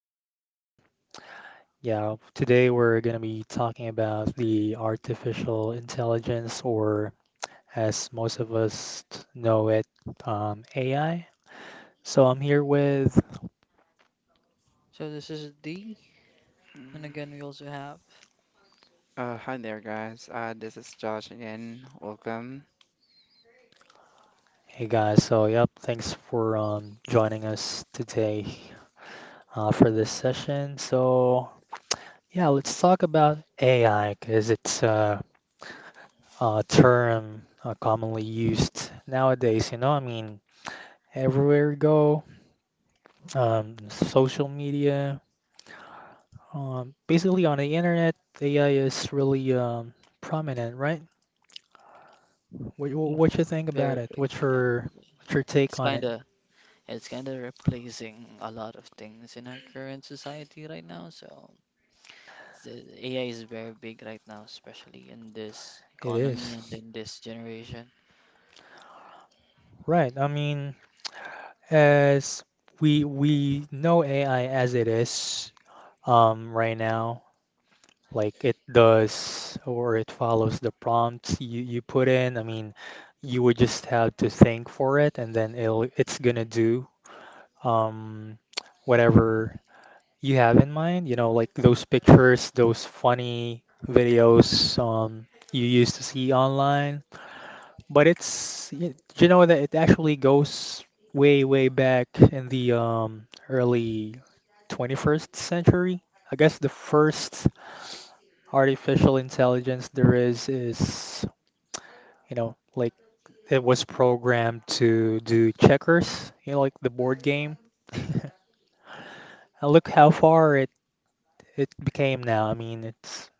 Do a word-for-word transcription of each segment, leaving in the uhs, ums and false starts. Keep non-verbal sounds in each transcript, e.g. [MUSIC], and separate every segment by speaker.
Speaker 1: Um, yeah, today we're going to be talking about the artificial intelligence, or as most of us t- know it, um, A I. So I'm here with,
Speaker 2: So this is D, and again we also have.
Speaker 3: Uh, hi there, guys. Uh, this is Josh again. Welcome.
Speaker 1: hey guys. So, yep, thanks for um, joining us today uh, for this session. So, yeah, let's talk about A I because it's uh, a term uh, commonly used nowadays. You know, I mean, everywhere you go, um, social media, um, basically on the internet, A I is really um, prominent, right? What,
Speaker 2: Yeah.
Speaker 1: what you think about
Speaker 2: Very
Speaker 1: it?
Speaker 2: big.
Speaker 1: What's
Speaker 2: Yeah,
Speaker 1: your what's your
Speaker 2: it's
Speaker 1: take on
Speaker 2: kind
Speaker 1: it?
Speaker 2: of it's kind of replacing a lot of things in our current society right now. So the A I is very big right now, especially in this
Speaker 1: It
Speaker 2: economy
Speaker 1: is,
Speaker 2: and in this generation.
Speaker 1: right. I mean, as we we know A I as it is um, right now, like it does or it follows the prompts you, you put in. I mean, you would just have to think for it, and then it'll it's gonna do um, whatever you have in mind, you know, like those pictures, those funny videos um, you used to see online. But it's, y- you know, that it actually goes way, way back in the um, early twenty-first century. I guess the first artificial intelligence there is is, you know, like it was programmed to do checkers, you know, like the board game. [LAUGHS] And look how far it became now. I mean, it's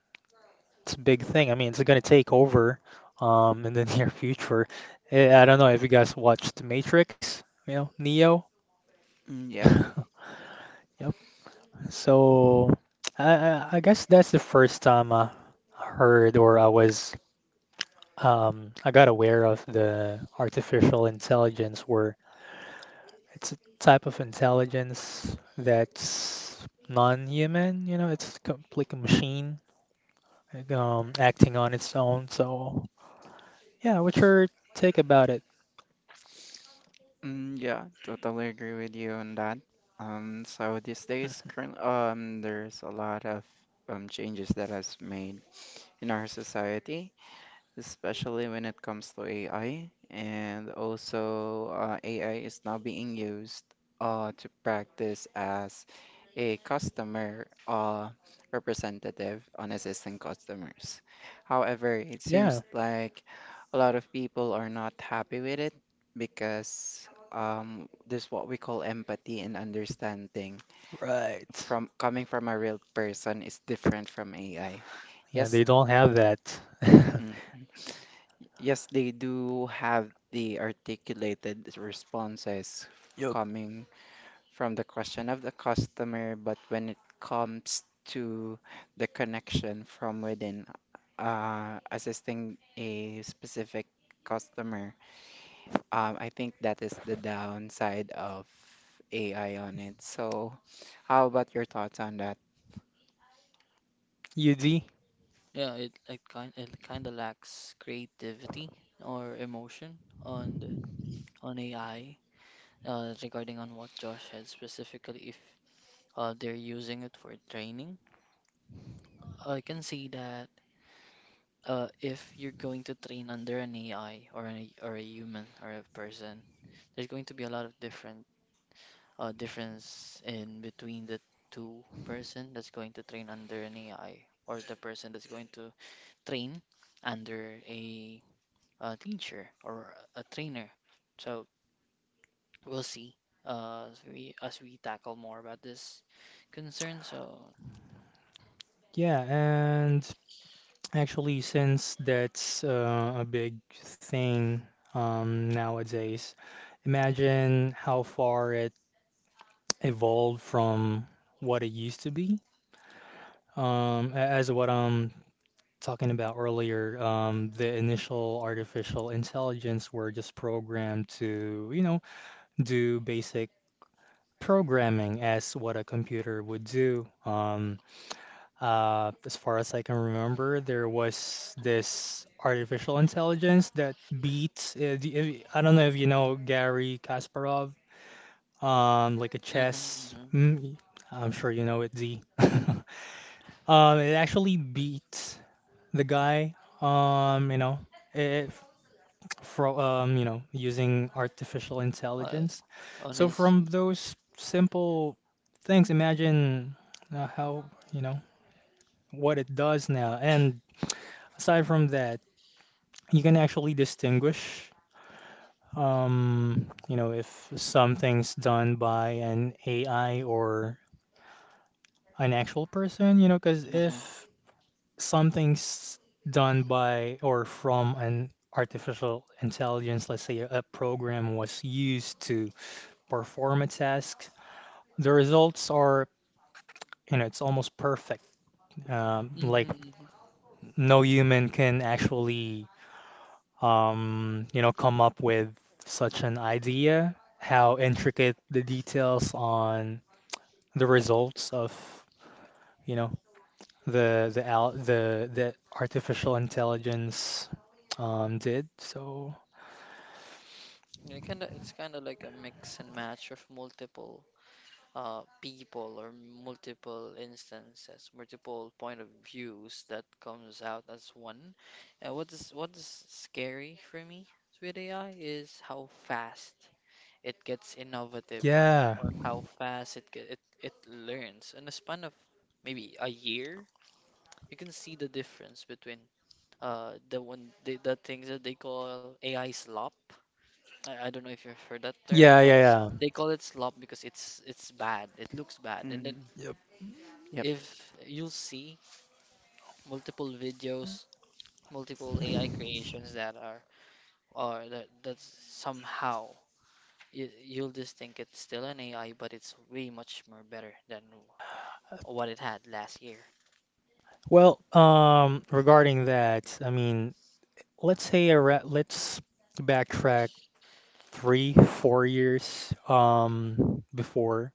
Speaker 1: it's a big thing. I mean, it's going to take over um in the [LAUGHS] near future. Eh, I don't know if you guys watched Matrix, you know, Neo.
Speaker 3: Mm, yeah,
Speaker 1: [LAUGHS] Yep. So I I I guess that's the first time I heard or I was um I got aware of the artificial intelligence where it's a type of intelligence that's non-human, you know, it's a complete machine like, um acting on its own. So yeah, what's your take about it?
Speaker 3: mm, yeah, totally agree with you on that. Um, so these days, current um, there's a lot of um changes that has made in our society, especially when it comes to A I. And also, uh, A I is now being used uh, to practice as a customer uh, representative on assisting customers. However, it
Speaker 1: Yeah,
Speaker 3: seems like a lot of people are not happy with it because um, this what we call empathy and understanding
Speaker 1: right.
Speaker 3: from coming from a real person is different from A I.
Speaker 1: Yeah,
Speaker 3: Yes.
Speaker 1: they don't have that. [LAUGHS]
Speaker 3: Mm. Yes, they do have the articulated responses f-
Speaker 1: Yup.
Speaker 3: coming from the question of the customer, but when it comes to the connection from within, uh, assisting a specific customer, um, I think that is the downside of A I on it. So, how about your thoughts on that?
Speaker 1: U D.
Speaker 2: Yeah, it it kind it kind of lacks creativity or emotion on the, on A I, uh, regarding on what Josh had specifically if uh, they're using it for training. I can see that. Uh, if you're going to train under an A I or an, or a human or a person, there's going to be a lot of different uh, difference in between the two person that's going to train under an A I or the person that's going to train under a, uh teacher or a trainer. So we'll see, uh, as we as we tackle more about this concern. So,
Speaker 1: Yeah, and actually, since that's uh, a big thing um, nowadays, imagine how far it evolved from what it used to be. Um, a- as what I'm talking about earlier, um, the initial artificial intelligence were just programmed to, you know, do basic programming as what a computer would do. Um, uh, as far as I can remember, there was this artificial intelligence that beat. Uh, the- if- I don't know if you know Gary Kasparov, um, like a
Speaker 2: hmm
Speaker 1: chess.
Speaker 2: hmm
Speaker 1: mm, I'm sure you know it, Z. [LAUGHS] Um, it actually beat the guy. Um, you know, it, from um you know using artificial
Speaker 2: Uh,
Speaker 1: intelligence.
Speaker 2: on
Speaker 1: So
Speaker 2: his.
Speaker 1: from those simple things, imagine uh, how you know what it does now. And aside from that, you can actually distinguish um, you know if something's done by an A I or an actual person. You know, because
Speaker 2: hmm
Speaker 1: if something's done by or from an artificial intelligence, let's say a program was used to performance-esque. The results are, you know, it's almost perfect. Um, like
Speaker 2: hmm
Speaker 1: no human can actually, um, you know, come up with such an idea. How intricate the details on the results of, you know, the the al the the artificial intelligence um did. So
Speaker 2: Yeah, kinda, it's kind of like a mix and match of multiple uh, people or multiple instances, multiple point of views that comes out as one. And what is what is scary for me with A I is how fast it gets innovative on,
Speaker 1: yeah,
Speaker 2: or how fast it get, it it learns. In a span of maybe a year, you can see the difference between uh the one the, the things that they call A I slop. I, I don't know if you've heard that term.
Speaker 1: yeah,
Speaker 2: That
Speaker 1: yeah, yeah.
Speaker 2: they call it slop because it's it's bad. It looks bad. And then
Speaker 3: Mm,
Speaker 1: Yep.
Speaker 3: yep.
Speaker 2: if you'll see multiple videos, multiple A I creations that are or that that somehow you, you'll just think it's still an A I, but it's way much more better than what it had last year.
Speaker 1: Well, um, regarding that, I mean, let's say around, let's backtrack three, four years um, before.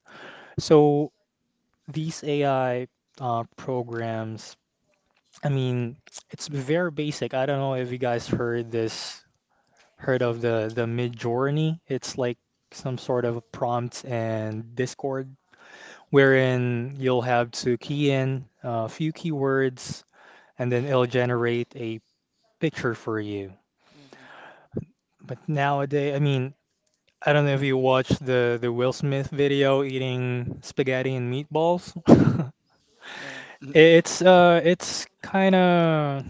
Speaker 1: So these A I uh, programs, I mean, it's very basic. I don't know if you guys heard this, heard of the the Midjourney. It's like some sort of a prompt and Discord,
Speaker 2: hmm
Speaker 1: wherein you'll have to key in a few keywords, and then it'll generate a picture for you.
Speaker 2: hmm
Speaker 1: But nowadays, I mean, I don't know if you watched the the Will Smith video eating spaghetti and meatballs. [LAUGHS]
Speaker 2: Yeah.
Speaker 3: [LAUGHS]
Speaker 1: It's uh it's kind of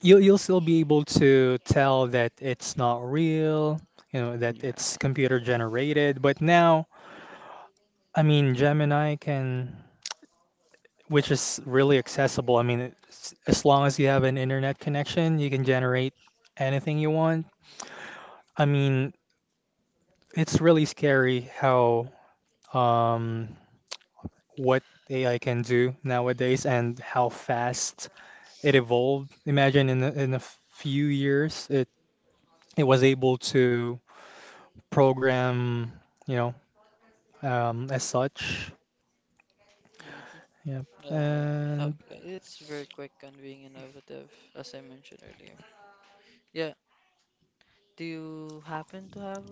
Speaker 1: you'll you'll still be able to tell that it's not real, you know, that it's computer generated, but now, I mean, Gemini can which is really accessible. I mean, it's, as long as you have an internet connection, you can generate anything you want. I mean, it's really scary how um what A I can do nowadays and how fast it evolved. Imagine in a, in a few years, it it was able to program, you know, um, as such.
Speaker 2: Mm-hmm.
Speaker 1: Yeah.
Speaker 2: Yeah. I, so,
Speaker 1: And
Speaker 2: yeah, it's very quick and being innovative, as I mentioned earlier. Yeah, do you happen to have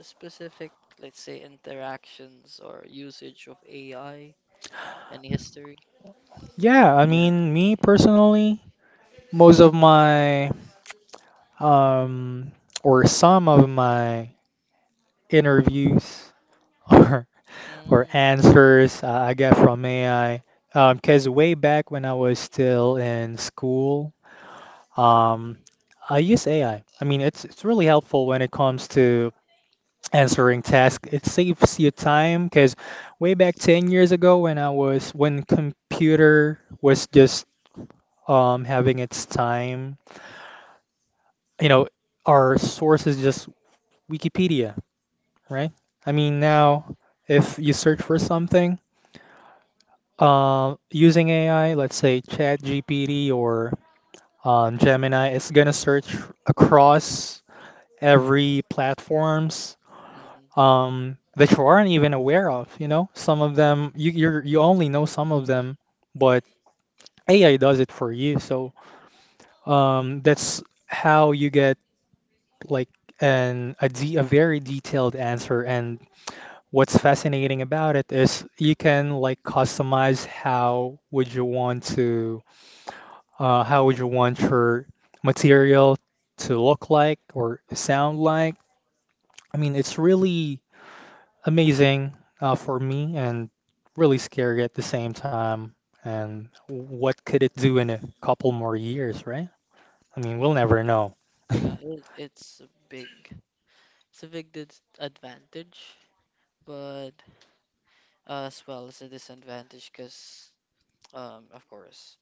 Speaker 2: specific, let's say, interactions or usage of A I? Any history?
Speaker 1: yeah, I
Speaker 3: Yeah.
Speaker 1: mean, me personally, most of my um or some of my interviews [LAUGHS] or or
Speaker 2: Mm.
Speaker 1: answers uh, I get from A I, because way back when I was still in school, Um, I use A I. I I mean, it's it's really helpful when it comes to answering tasks. It saves you time because way back ten years ago when I was when computer was just um having its time, you know, our source is just Wikipedia, right? I mean, now if you search for something, um, using A I, let's say ChatGPT or um, Gemini, it's gonna search across every platforms
Speaker 2: hmm
Speaker 1: um, that you aren't even aware of. You know, some
Speaker 2: Yeah,
Speaker 1: of
Speaker 2: it's,
Speaker 1: them you you're, you only know some of them, but A I does it for you. So um, that's how you get like an a, de a very detailed answer. And what's fascinating about it is you can like customize how would you want to uh, how would you want your material to look like or sound like. I mean, it's really amazing uh, for me and really scary at the same time. And what could it do in a couple more years, right? I mean, we'll never know. [LAUGHS]
Speaker 2: yeah, it, it's a big, it's a big dis advantage, but uh, as well as a disadvantage because, um, of course,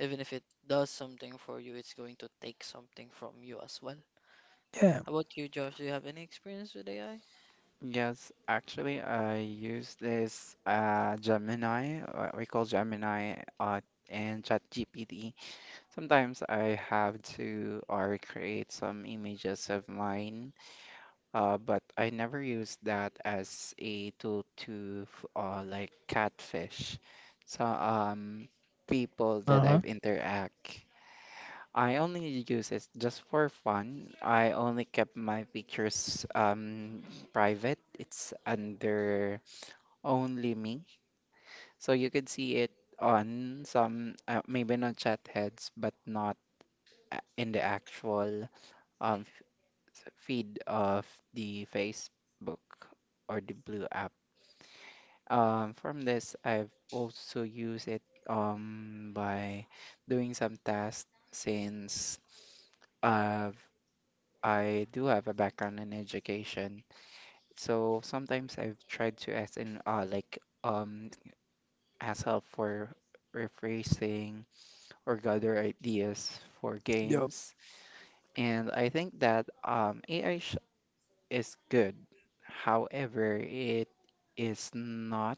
Speaker 2: even if it does something for you, it's going to take something from you as well.
Speaker 1: Yeah.
Speaker 2: How about you, Josh? Do you have any experience with A I?
Speaker 3: Yes, actually, I use this uh, Gemini, uh, we call Gemini, uh, and ChatGPT. Sometimes I have to uh, recreate some images of mine, uh, but I never use that as a tool to f- uh, like catfish. So um, people that
Speaker 1: Uh-huh.
Speaker 3: I've interact. I only use it just for fun. I only kept my pictures um private. It's under only me. So you could see it on some uh, maybe not chat heads, but not a- in the actual um f- s- feed of the Facebook or the Blue app. Um, from this, I've also used it um by doing some tasks since. I've I do have a background in education, so sometimes I've tried to ask in uh, like um ask help for rephrasing or gather ideas for
Speaker 1: Yep.
Speaker 3: games, and I think that um A I sh is good. However, it is not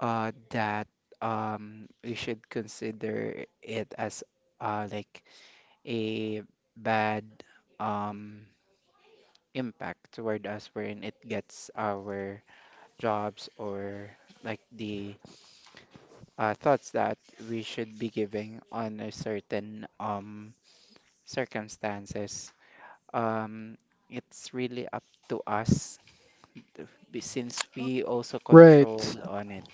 Speaker 3: uh that um we should consider it as uh like a bad um impact toward us, wherein it gets our jobs or like the uh, thoughts that we should be giving on a certain um circumstances, um it's really up to us to be, since we also control
Speaker 1: Right.
Speaker 3: on it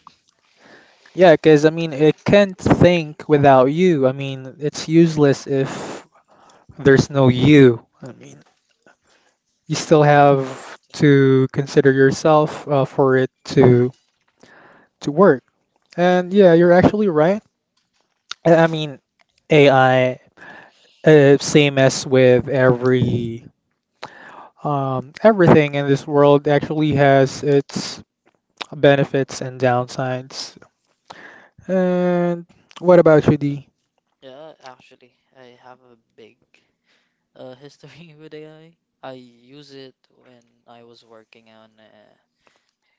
Speaker 1: Yeah, because I mean, it can't think without you. I mean, it's useless if there's no you. I mean, you
Speaker 2: No, you
Speaker 1: still
Speaker 2: won't be.
Speaker 1: have to consider yourself uh, for it to to work. And yeah, you're actually right. I I mean, A I Uh, same as with every um, everything in this world actually has its benefits and downsides.
Speaker 2: Mm-hmm.
Speaker 1: And what about you, D?
Speaker 2: Yeah, actually, I have a big uh, history [LAUGHS] with A I. I I use it when I was working on, uh,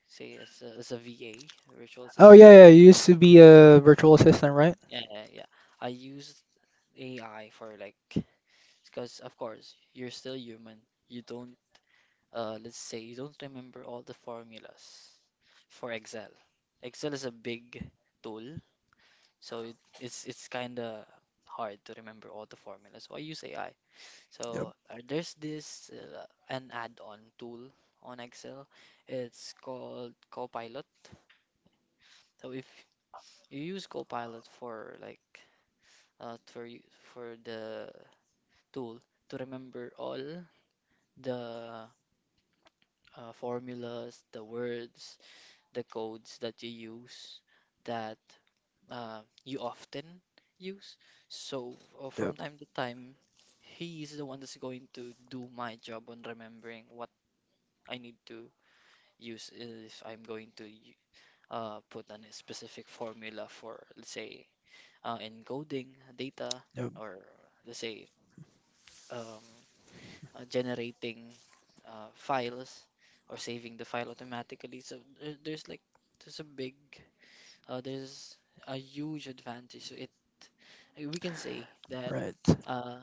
Speaker 2: say, as a, as a V A, virtual
Speaker 1: Oh
Speaker 2: assistant.
Speaker 1: yeah, yeah. You used to be a virtual assistant, right?
Speaker 2: Yeah, yeah, yeah. I used A I for, like, because of course, you're still human. You don't, uh, let's say, you don't remember all the formulas for Excel. Excel is a big tool, so it, it's it's kind of hard to remember all the formulas. So I use A I.
Speaker 1: Yep,
Speaker 2: So, uh, there's this uh, an add-on tool on Excel. It's called Copilot. So if you use Copilot for, like, uh, for you- for the tool to remember all the uh, formulas, the words, the codes that you use, that uh, you often use. So, uh,
Speaker 1: yep,
Speaker 2: from time to time, he is the one that's going to do my job on remembering what I need to use if I'm going to y- uh, put on a specific formula for, let's say, uh, encoding data,
Speaker 1: yep.
Speaker 2: or let's say, um, uh, generating uh, files, or saving the file automatically. So there- there's like there's a big uh, there's a huge advantage. So it we can say that,
Speaker 1: Right.
Speaker 2: uh,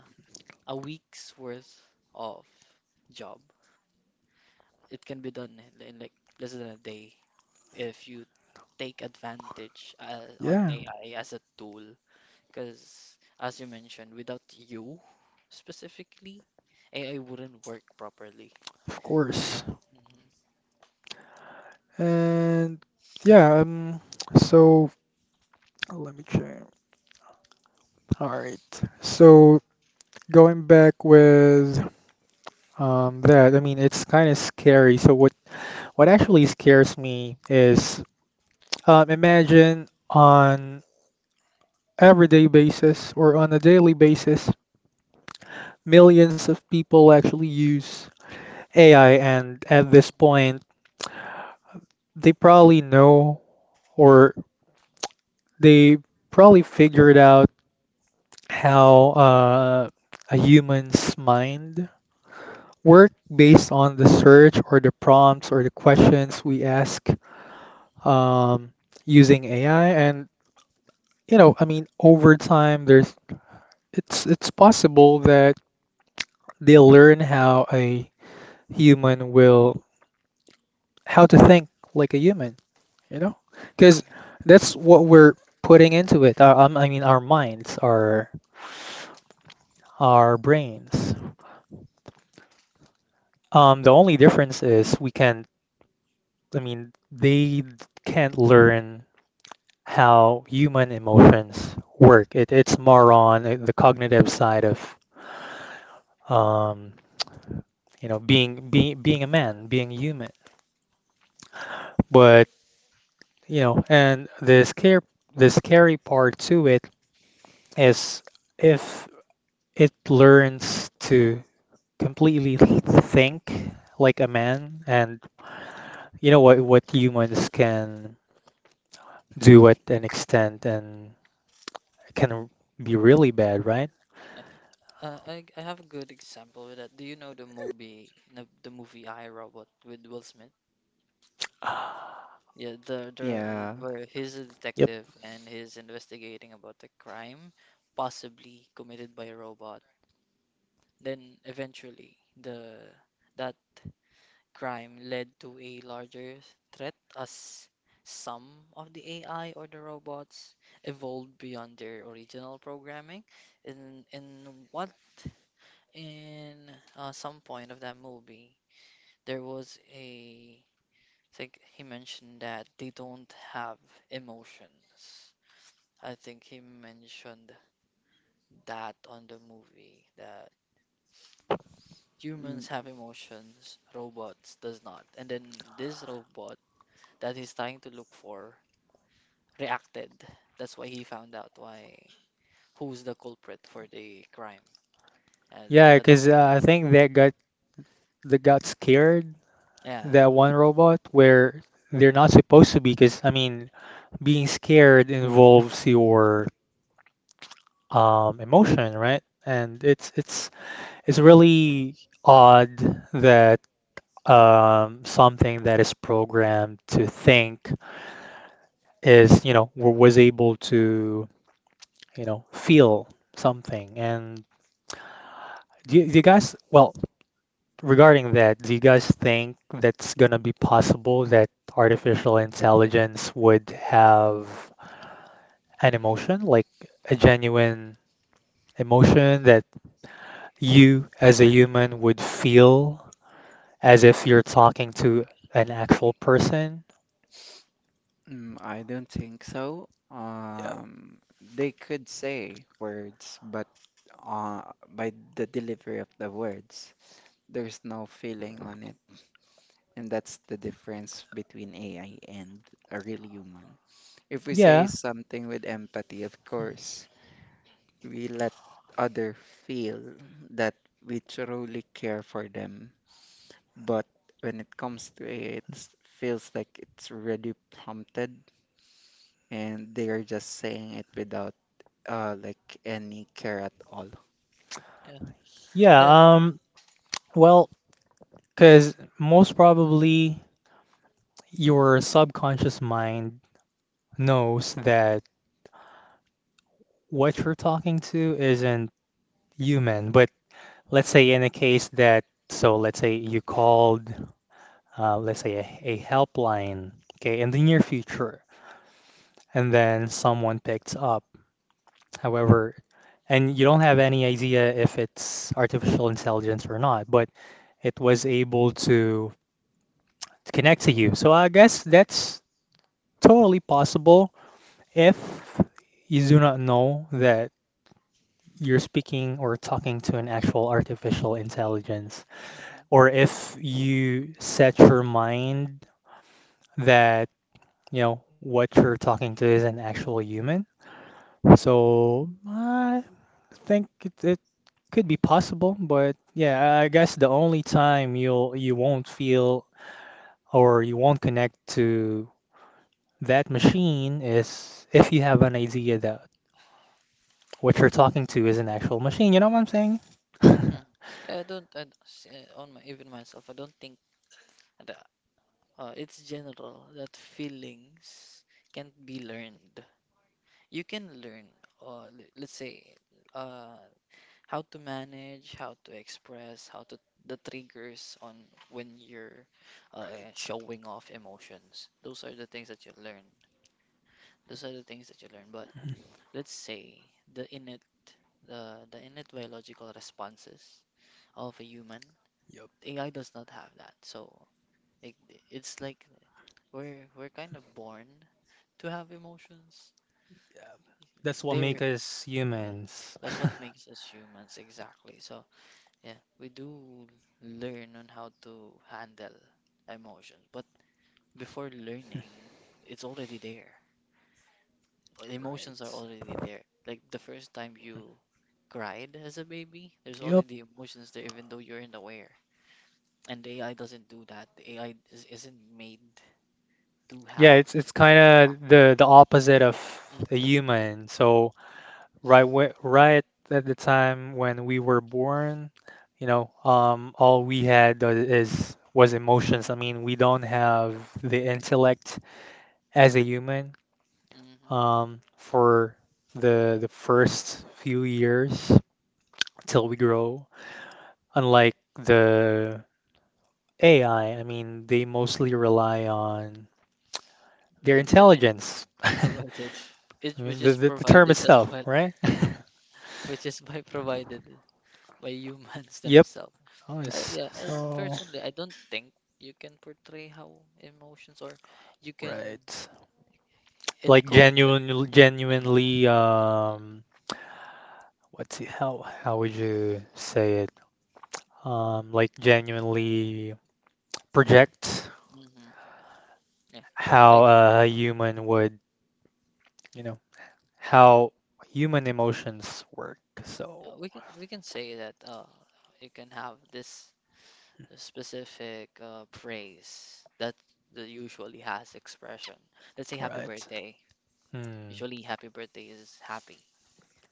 Speaker 2: a week's worth of job, it can be done in, in like less than a day if you take advantage, uh, on
Speaker 1: Yeah,
Speaker 2: A I as a tool. Because as you mentioned, without you specifically, A I wouldn't work properly.
Speaker 1: of course.
Speaker 2: hmm
Speaker 1: And yeah. Um. So let me check. All right. So going back with um that, I mean, it's kind of scary. So what what actually scares me is Um, imagine on everyday basis or on a daily basis, millions of people actually use A I, and at this point, they probably know or they probably figured out how uh, a human's mind work based on the search or the prompts or the questions we ask um, using A I. And you know, I mean, over time, there's it's it's possible that they learn how a human will how to think like a human, you know? Because
Speaker 2: hmm
Speaker 1: that's what we're putting into it. Our, um, I mean, our minds, our our brains. Um, the only difference is we can. I mean, they can't learn how human emotions work. It, it's more on uh, the cognitive side of um, you know being being being a man, being human. But you know, and the scare the scary part to it is if it learns to completely think like a man and
Speaker 2: hmm
Speaker 1: you know what what humans can do at an extent and it can be really bad, right?
Speaker 2: Yeah. Uh, I I have a good example with that. Do you know the movie, the, the movie I Robot with Will Smith? Yeah, the the where he's a
Speaker 1: Yep.
Speaker 2: detective and he's investigating about the crime possibly committed by a robot. Then eventually the that crime led to a larger threat as some of the A I or the robots evolved beyond their original programming. In in what in uh, some point of that movie there was a think he mentioned that they don't have emotions. I think he mentioned that on the movie that humans have emotions, robots does not. And then this robot that he's trying to look for reacted. That's why he found out why who's the culprit for the crime. And
Speaker 1: Yeah,
Speaker 2: I, I don't.
Speaker 1: because uh, I think that got that got scared
Speaker 2: Yeah.
Speaker 1: that
Speaker 2: Mhm.
Speaker 1: one robot where they're not supposed to be because I mean being scared involves your um emotion, right? And it's it's it's really odd that um, something that is programmed to think is, you know, w- was able to, you know, feel something. And do you, do you guys, well, regarding that, do you guys think that's gonna be possible that artificial intelligence would have an emotion, like a genuine emotion that you as a human would feel as if you're talking to an actual person? Yeah,
Speaker 2: Yeah. Yeah.
Speaker 1: yeah. Um, well, because most probably your subconscious mind knows that what you're talking to isn't human. But let's say in a case that, so let's say you called, uh, let's say a, a helpline, okay, in the near future, and then someone picks up. However, and you don't have any idea if it's artificial intelligence or not, but it was able to connect to you. So I guess that's totally possible. If you do not know that you're speaking or talking to an actual artificial intelligence,
Speaker 2: Mhm.
Speaker 1: or if you set your mind that, you know, what you're talking to is an actual human, so I think it, it could be possible, but yeah, I guess the only time you'll you won't feel or you won't connect to that machine is if you have an idea that what you're talking to is an actual machine. You know what I'm saying? [LAUGHS]
Speaker 2: Mm. Yeah, I don't, I, don't- s- uh, on my even myself, I don't think. I d- Uh, it's general that feelings can't be learned. You can learn, uh, le- let's say, uh, how to manage, how to express, how to the triggers on when you're, uh, showing off emotions. Those are the things that you learn. Those are the things that you learn. But let's say the innate, the the innate biological responses of a human, A I does not have that. So, like, it's like we're we're kind of born to have emotions.
Speaker 1: That's what makes
Speaker 2: There,
Speaker 1: us
Speaker 2: yeah,
Speaker 1: humans.
Speaker 2: that's what
Speaker 1: [LAUGHS]
Speaker 2: makes us humans exactly. So yeah, we do learn on how to handle emotions, but before learning, it's already there. Emotions
Speaker 1: Right.
Speaker 2: are already there. Like the first time you cried as a baby, there's
Speaker 1: Yep.
Speaker 2: already emotions there, even though you're unaware. And the A I doesn't do that. The A I is, isn't made to
Speaker 1: Yeah,
Speaker 2: have
Speaker 1: it's it's kind of the the opposite of a
Speaker 2: hmm
Speaker 1: human. So right whe- right at the time when we were born, you know, um, all we had tho- is was emotions. I mean, we don't have the intellect as a human
Speaker 2: hmm
Speaker 1: um, for the the first few years till we grow. Unlike the A I, I I mean, they mostly rely on
Speaker 2: the
Speaker 1: their
Speaker 2: intellect
Speaker 1: intelligence.
Speaker 2: [LAUGHS]
Speaker 1: [LAUGHS]
Speaker 2: provided, it, which
Speaker 1: The,
Speaker 2: is
Speaker 1: the, the term
Speaker 2: provided as
Speaker 1: itself,
Speaker 2: well,
Speaker 1: right? [LAUGHS]
Speaker 2: which is [LAUGHS] by provided by humans [LAUGHS]
Speaker 1: Yep.
Speaker 2: themselves.
Speaker 1: Oh,
Speaker 2: Uh,
Speaker 1: it's
Speaker 2: yeah, uh,
Speaker 1: so
Speaker 2: personally, I don't think you can portray how emotions or you can
Speaker 1: right. Like
Speaker 2: encode.
Speaker 1: genuine,
Speaker 2: Yeah.
Speaker 1: genuinely, um, what's it, how how would you say it? Um, like genuinely project
Speaker 2: hmm Yeah.
Speaker 1: how
Speaker 2: Like,
Speaker 1: a human would, you know,
Speaker 2: yeah,
Speaker 1: how human emotions work.
Speaker 2: uh,
Speaker 1: So,
Speaker 2: we can we can say that uh you can have this specific uh praise that that usually has expression. Let's say happy
Speaker 1: right.
Speaker 2: birthday.
Speaker 1: Hmm.
Speaker 2: Usually happy birthday is happy,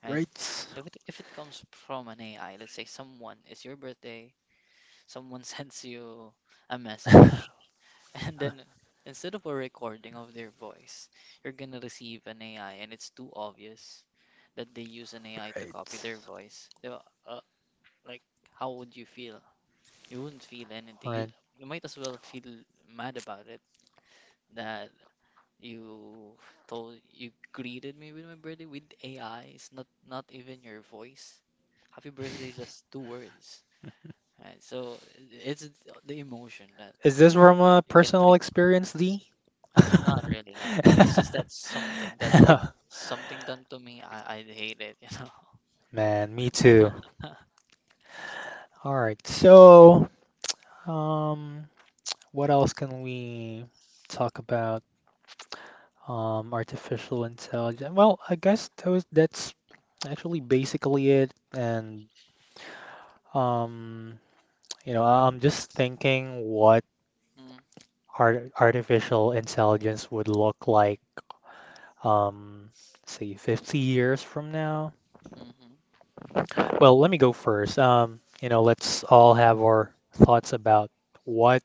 Speaker 2: right?
Speaker 1: Right.
Speaker 2: If it, if it comes from an A I, let's say someone, it's your birthday. Someone [LAUGHS] sends you a message,
Speaker 1: [LAUGHS]
Speaker 2: and then instead of a recording of their voice, you're gonna receive an A I, and it's too obvious that they use an A I to copy
Speaker 1: Right.
Speaker 2: their voice. Di ba? Uh, like, how would you feel? You wouldn't feel
Speaker 1: All
Speaker 2: anything. You
Speaker 1: right.
Speaker 2: you might as well feel mad about it that you told you greeted me with my birthday with A I. It's not not even your voice. Happy birthday is just two words. Right? So it's the emotion that
Speaker 1: Is this from a
Speaker 2: you can
Speaker 1: personal
Speaker 2: trade.
Speaker 1: experience, D? [LAUGHS]
Speaker 2: Not really, not really. It's just that something that if something done to me, I I'd hate it, you know.
Speaker 1: Man, me too.
Speaker 2: [LAUGHS]
Speaker 1: All right. So, um, what else can we talk about? Um, artificial intelligence. Well, I
Speaker 2: Yeah.
Speaker 1: guess those that's actually basically it. And um, you know, I'm just thinking what
Speaker 2: Mm.
Speaker 1: art artificial intelligence would look like um, say fifty years from now?
Speaker 2: Mhm.
Speaker 1: Well, let me go first. Um, you know, let's all have our thoughts about what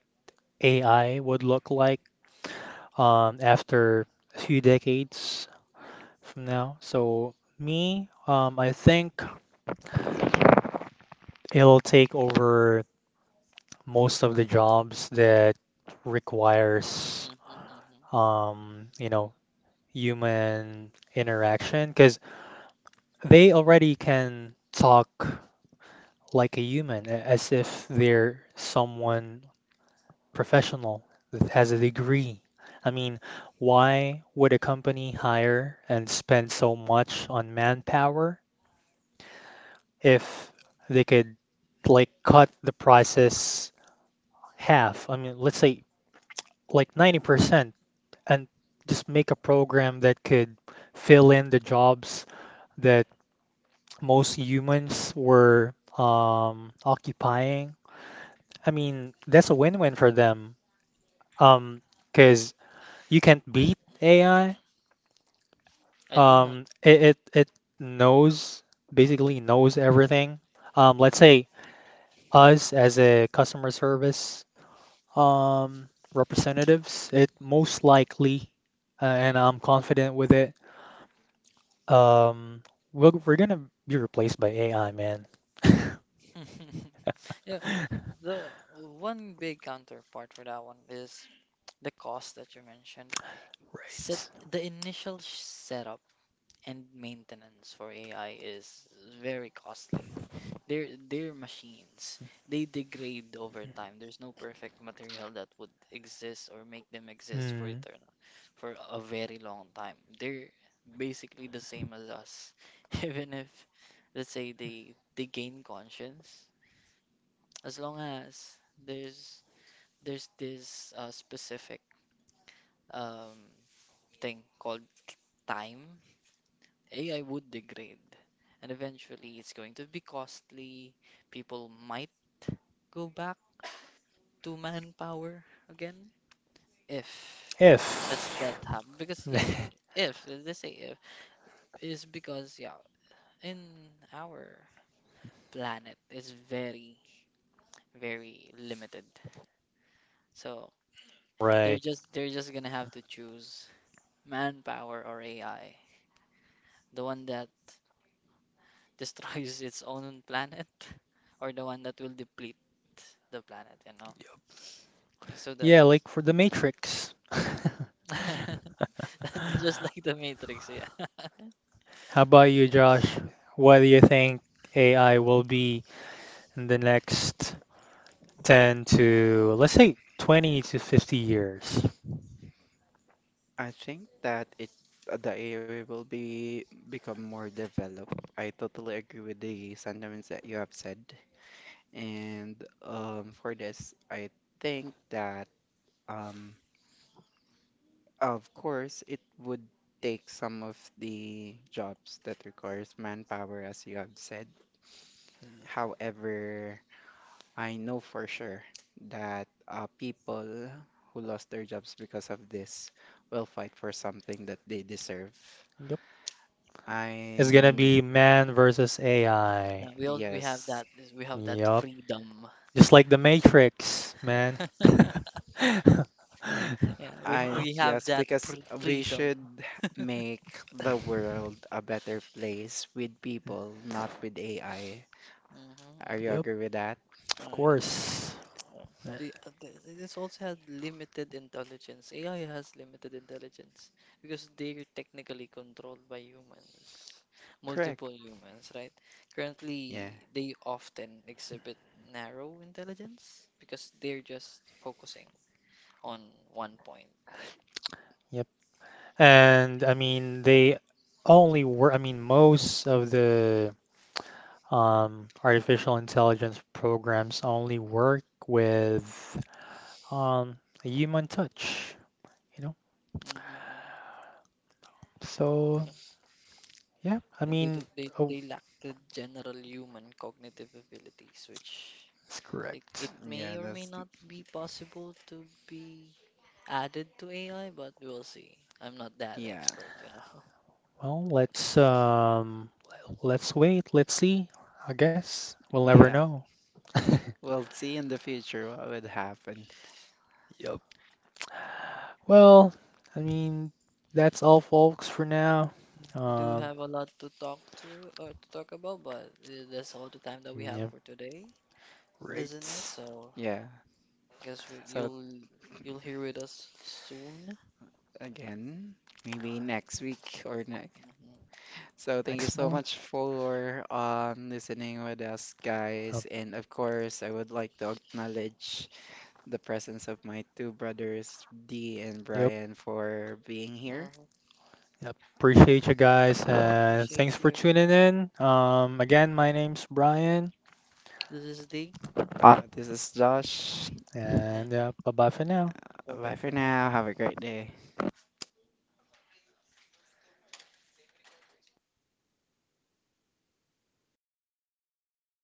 Speaker 1: A I would look like um, after a few decades from now. So, me, um, I think it'll take over most of the jobs that requires
Speaker 2: Mhm. Mhm.
Speaker 1: um, you know, human interaction because they already can talk like a human, a- as if they're someone professional that has a degree. I mean, why would a company hire and spend so much on manpower if they could like cut the prices half? I mean, let's say like ninety percent and just make a program that could fill in the jobs that most humans were um, occupying. I mean, that's a win-win for them. Um, because you can't beat A I.
Speaker 2: I do have.
Speaker 1: Um, it, it it knows basically knows everything. Um, let's say us as a customer service um representatives, it most likely, uh, and I'm confident with it. Um, we're we're gonna be replaced by A I, man. [LAUGHS]
Speaker 2: [LAUGHS] Yeah. The one big counterpart for that one is the cost that you mentioned. Set
Speaker 1: Right.
Speaker 2: the initial sh- setup and maintenance for A I is very costly. They're they're machines. They degrade over time. There's no perfect material that would exist or make them exist for
Speaker 1: Hmm.
Speaker 2: eternal, for a very long time. They're basically the same as us. [LAUGHS] Even if, let's say, they they gain conscience, as long as there's there's this uh, specific um thing called time, A I would degrade. And eventually it's going to be costly. People might go back to manpower again if
Speaker 1: If.
Speaker 2: does that happen, because yeah,
Speaker 1: [LAUGHS]
Speaker 2: if they say if, is because yeah, in our planet it's very, very limited. So they're
Speaker 1: Right.
Speaker 2: just they're just gonna have to choose manpower or A I, the one that [LAUGHS] destroys its own planet [LAUGHS] or the one that will deplete the planet, you know, so that
Speaker 1: Yeah,
Speaker 2: [LAUGHS] is-
Speaker 1: like for the Matrix. [LAUGHS]
Speaker 2: that's just like the Matrix, yeah. [LAUGHS]
Speaker 1: How about you, Josh? What do you think A I will be in the next ten to, let's say, twenty to fifty years? Yep. It's gonna be man versus A I.
Speaker 2: Yeah, we all, we have that is- we have that
Speaker 1: Yep.
Speaker 2: freedom.
Speaker 1: Just like the Matrix, man. [LAUGHS]
Speaker 2: [LAUGHS] Yeah, we ha- we have that pre freedom. [LAUGHS] Mm-hmm. hmm
Speaker 1: Yep, of
Speaker 2: Oh, yeah,
Speaker 1: course.
Speaker 2: yeah. The, uh, th- this also had limited intelligence. A I has limited intelligence because they're technically controlled by humans, multiple humans, right? Currently, they often exhibit narrow intelligence because they're just focusing on one point.
Speaker 1: Yep. And I mean, they only work, I mean, most of the um, artificial intelligence programs only work with um, a human touch, you know?
Speaker 2: Mm-hmm, mm-hmm.
Speaker 1: So,
Speaker 2: Yeah.
Speaker 1: yeah, I
Speaker 2: and they
Speaker 1: mean,
Speaker 2: don't they,
Speaker 1: oh,
Speaker 2: they lack the general human cognitive abilities, which
Speaker 1: that's
Speaker 2: it, it
Speaker 1: correct.
Speaker 2: may or may not be possible to be added to A I, but we'll see. I'm not that expert you know [LAUGHS]
Speaker 1: Well, let's um, let's wait, let's see. I guess we'll never
Speaker 2: Mm,
Speaker 1: know. [LAUGHS] Yep.
Speaker 2: yeah,
Speaker 1: Well, I mean, that's all, folks, for now.
Speaker 2: yeah. I do
Speaker 1: Um,
Speaker 2: have a lot to talk to or to talk about, but uh, that's all the time that we have
Speaker 1: yep,
Speaker 2: for today, listeners.
Speaker 1: rates
Speaker 2: So guess we, you'll you'll hear with us soon. hmm
Speaker 1: next month. Yep. Yep.
Speaker 2: hmm
Speaker 1: Yep. Appreciate you guys and
Speaker 2: Appreciate
Speaker 1: thanks for
Speaker 2: you.
Speaker 1: tuning in. Um, again, my name's Brian
Speaker 2: This is D, and
Speaker 1: and yeah, bye bye for now.
Speaker 2: bye bye for now.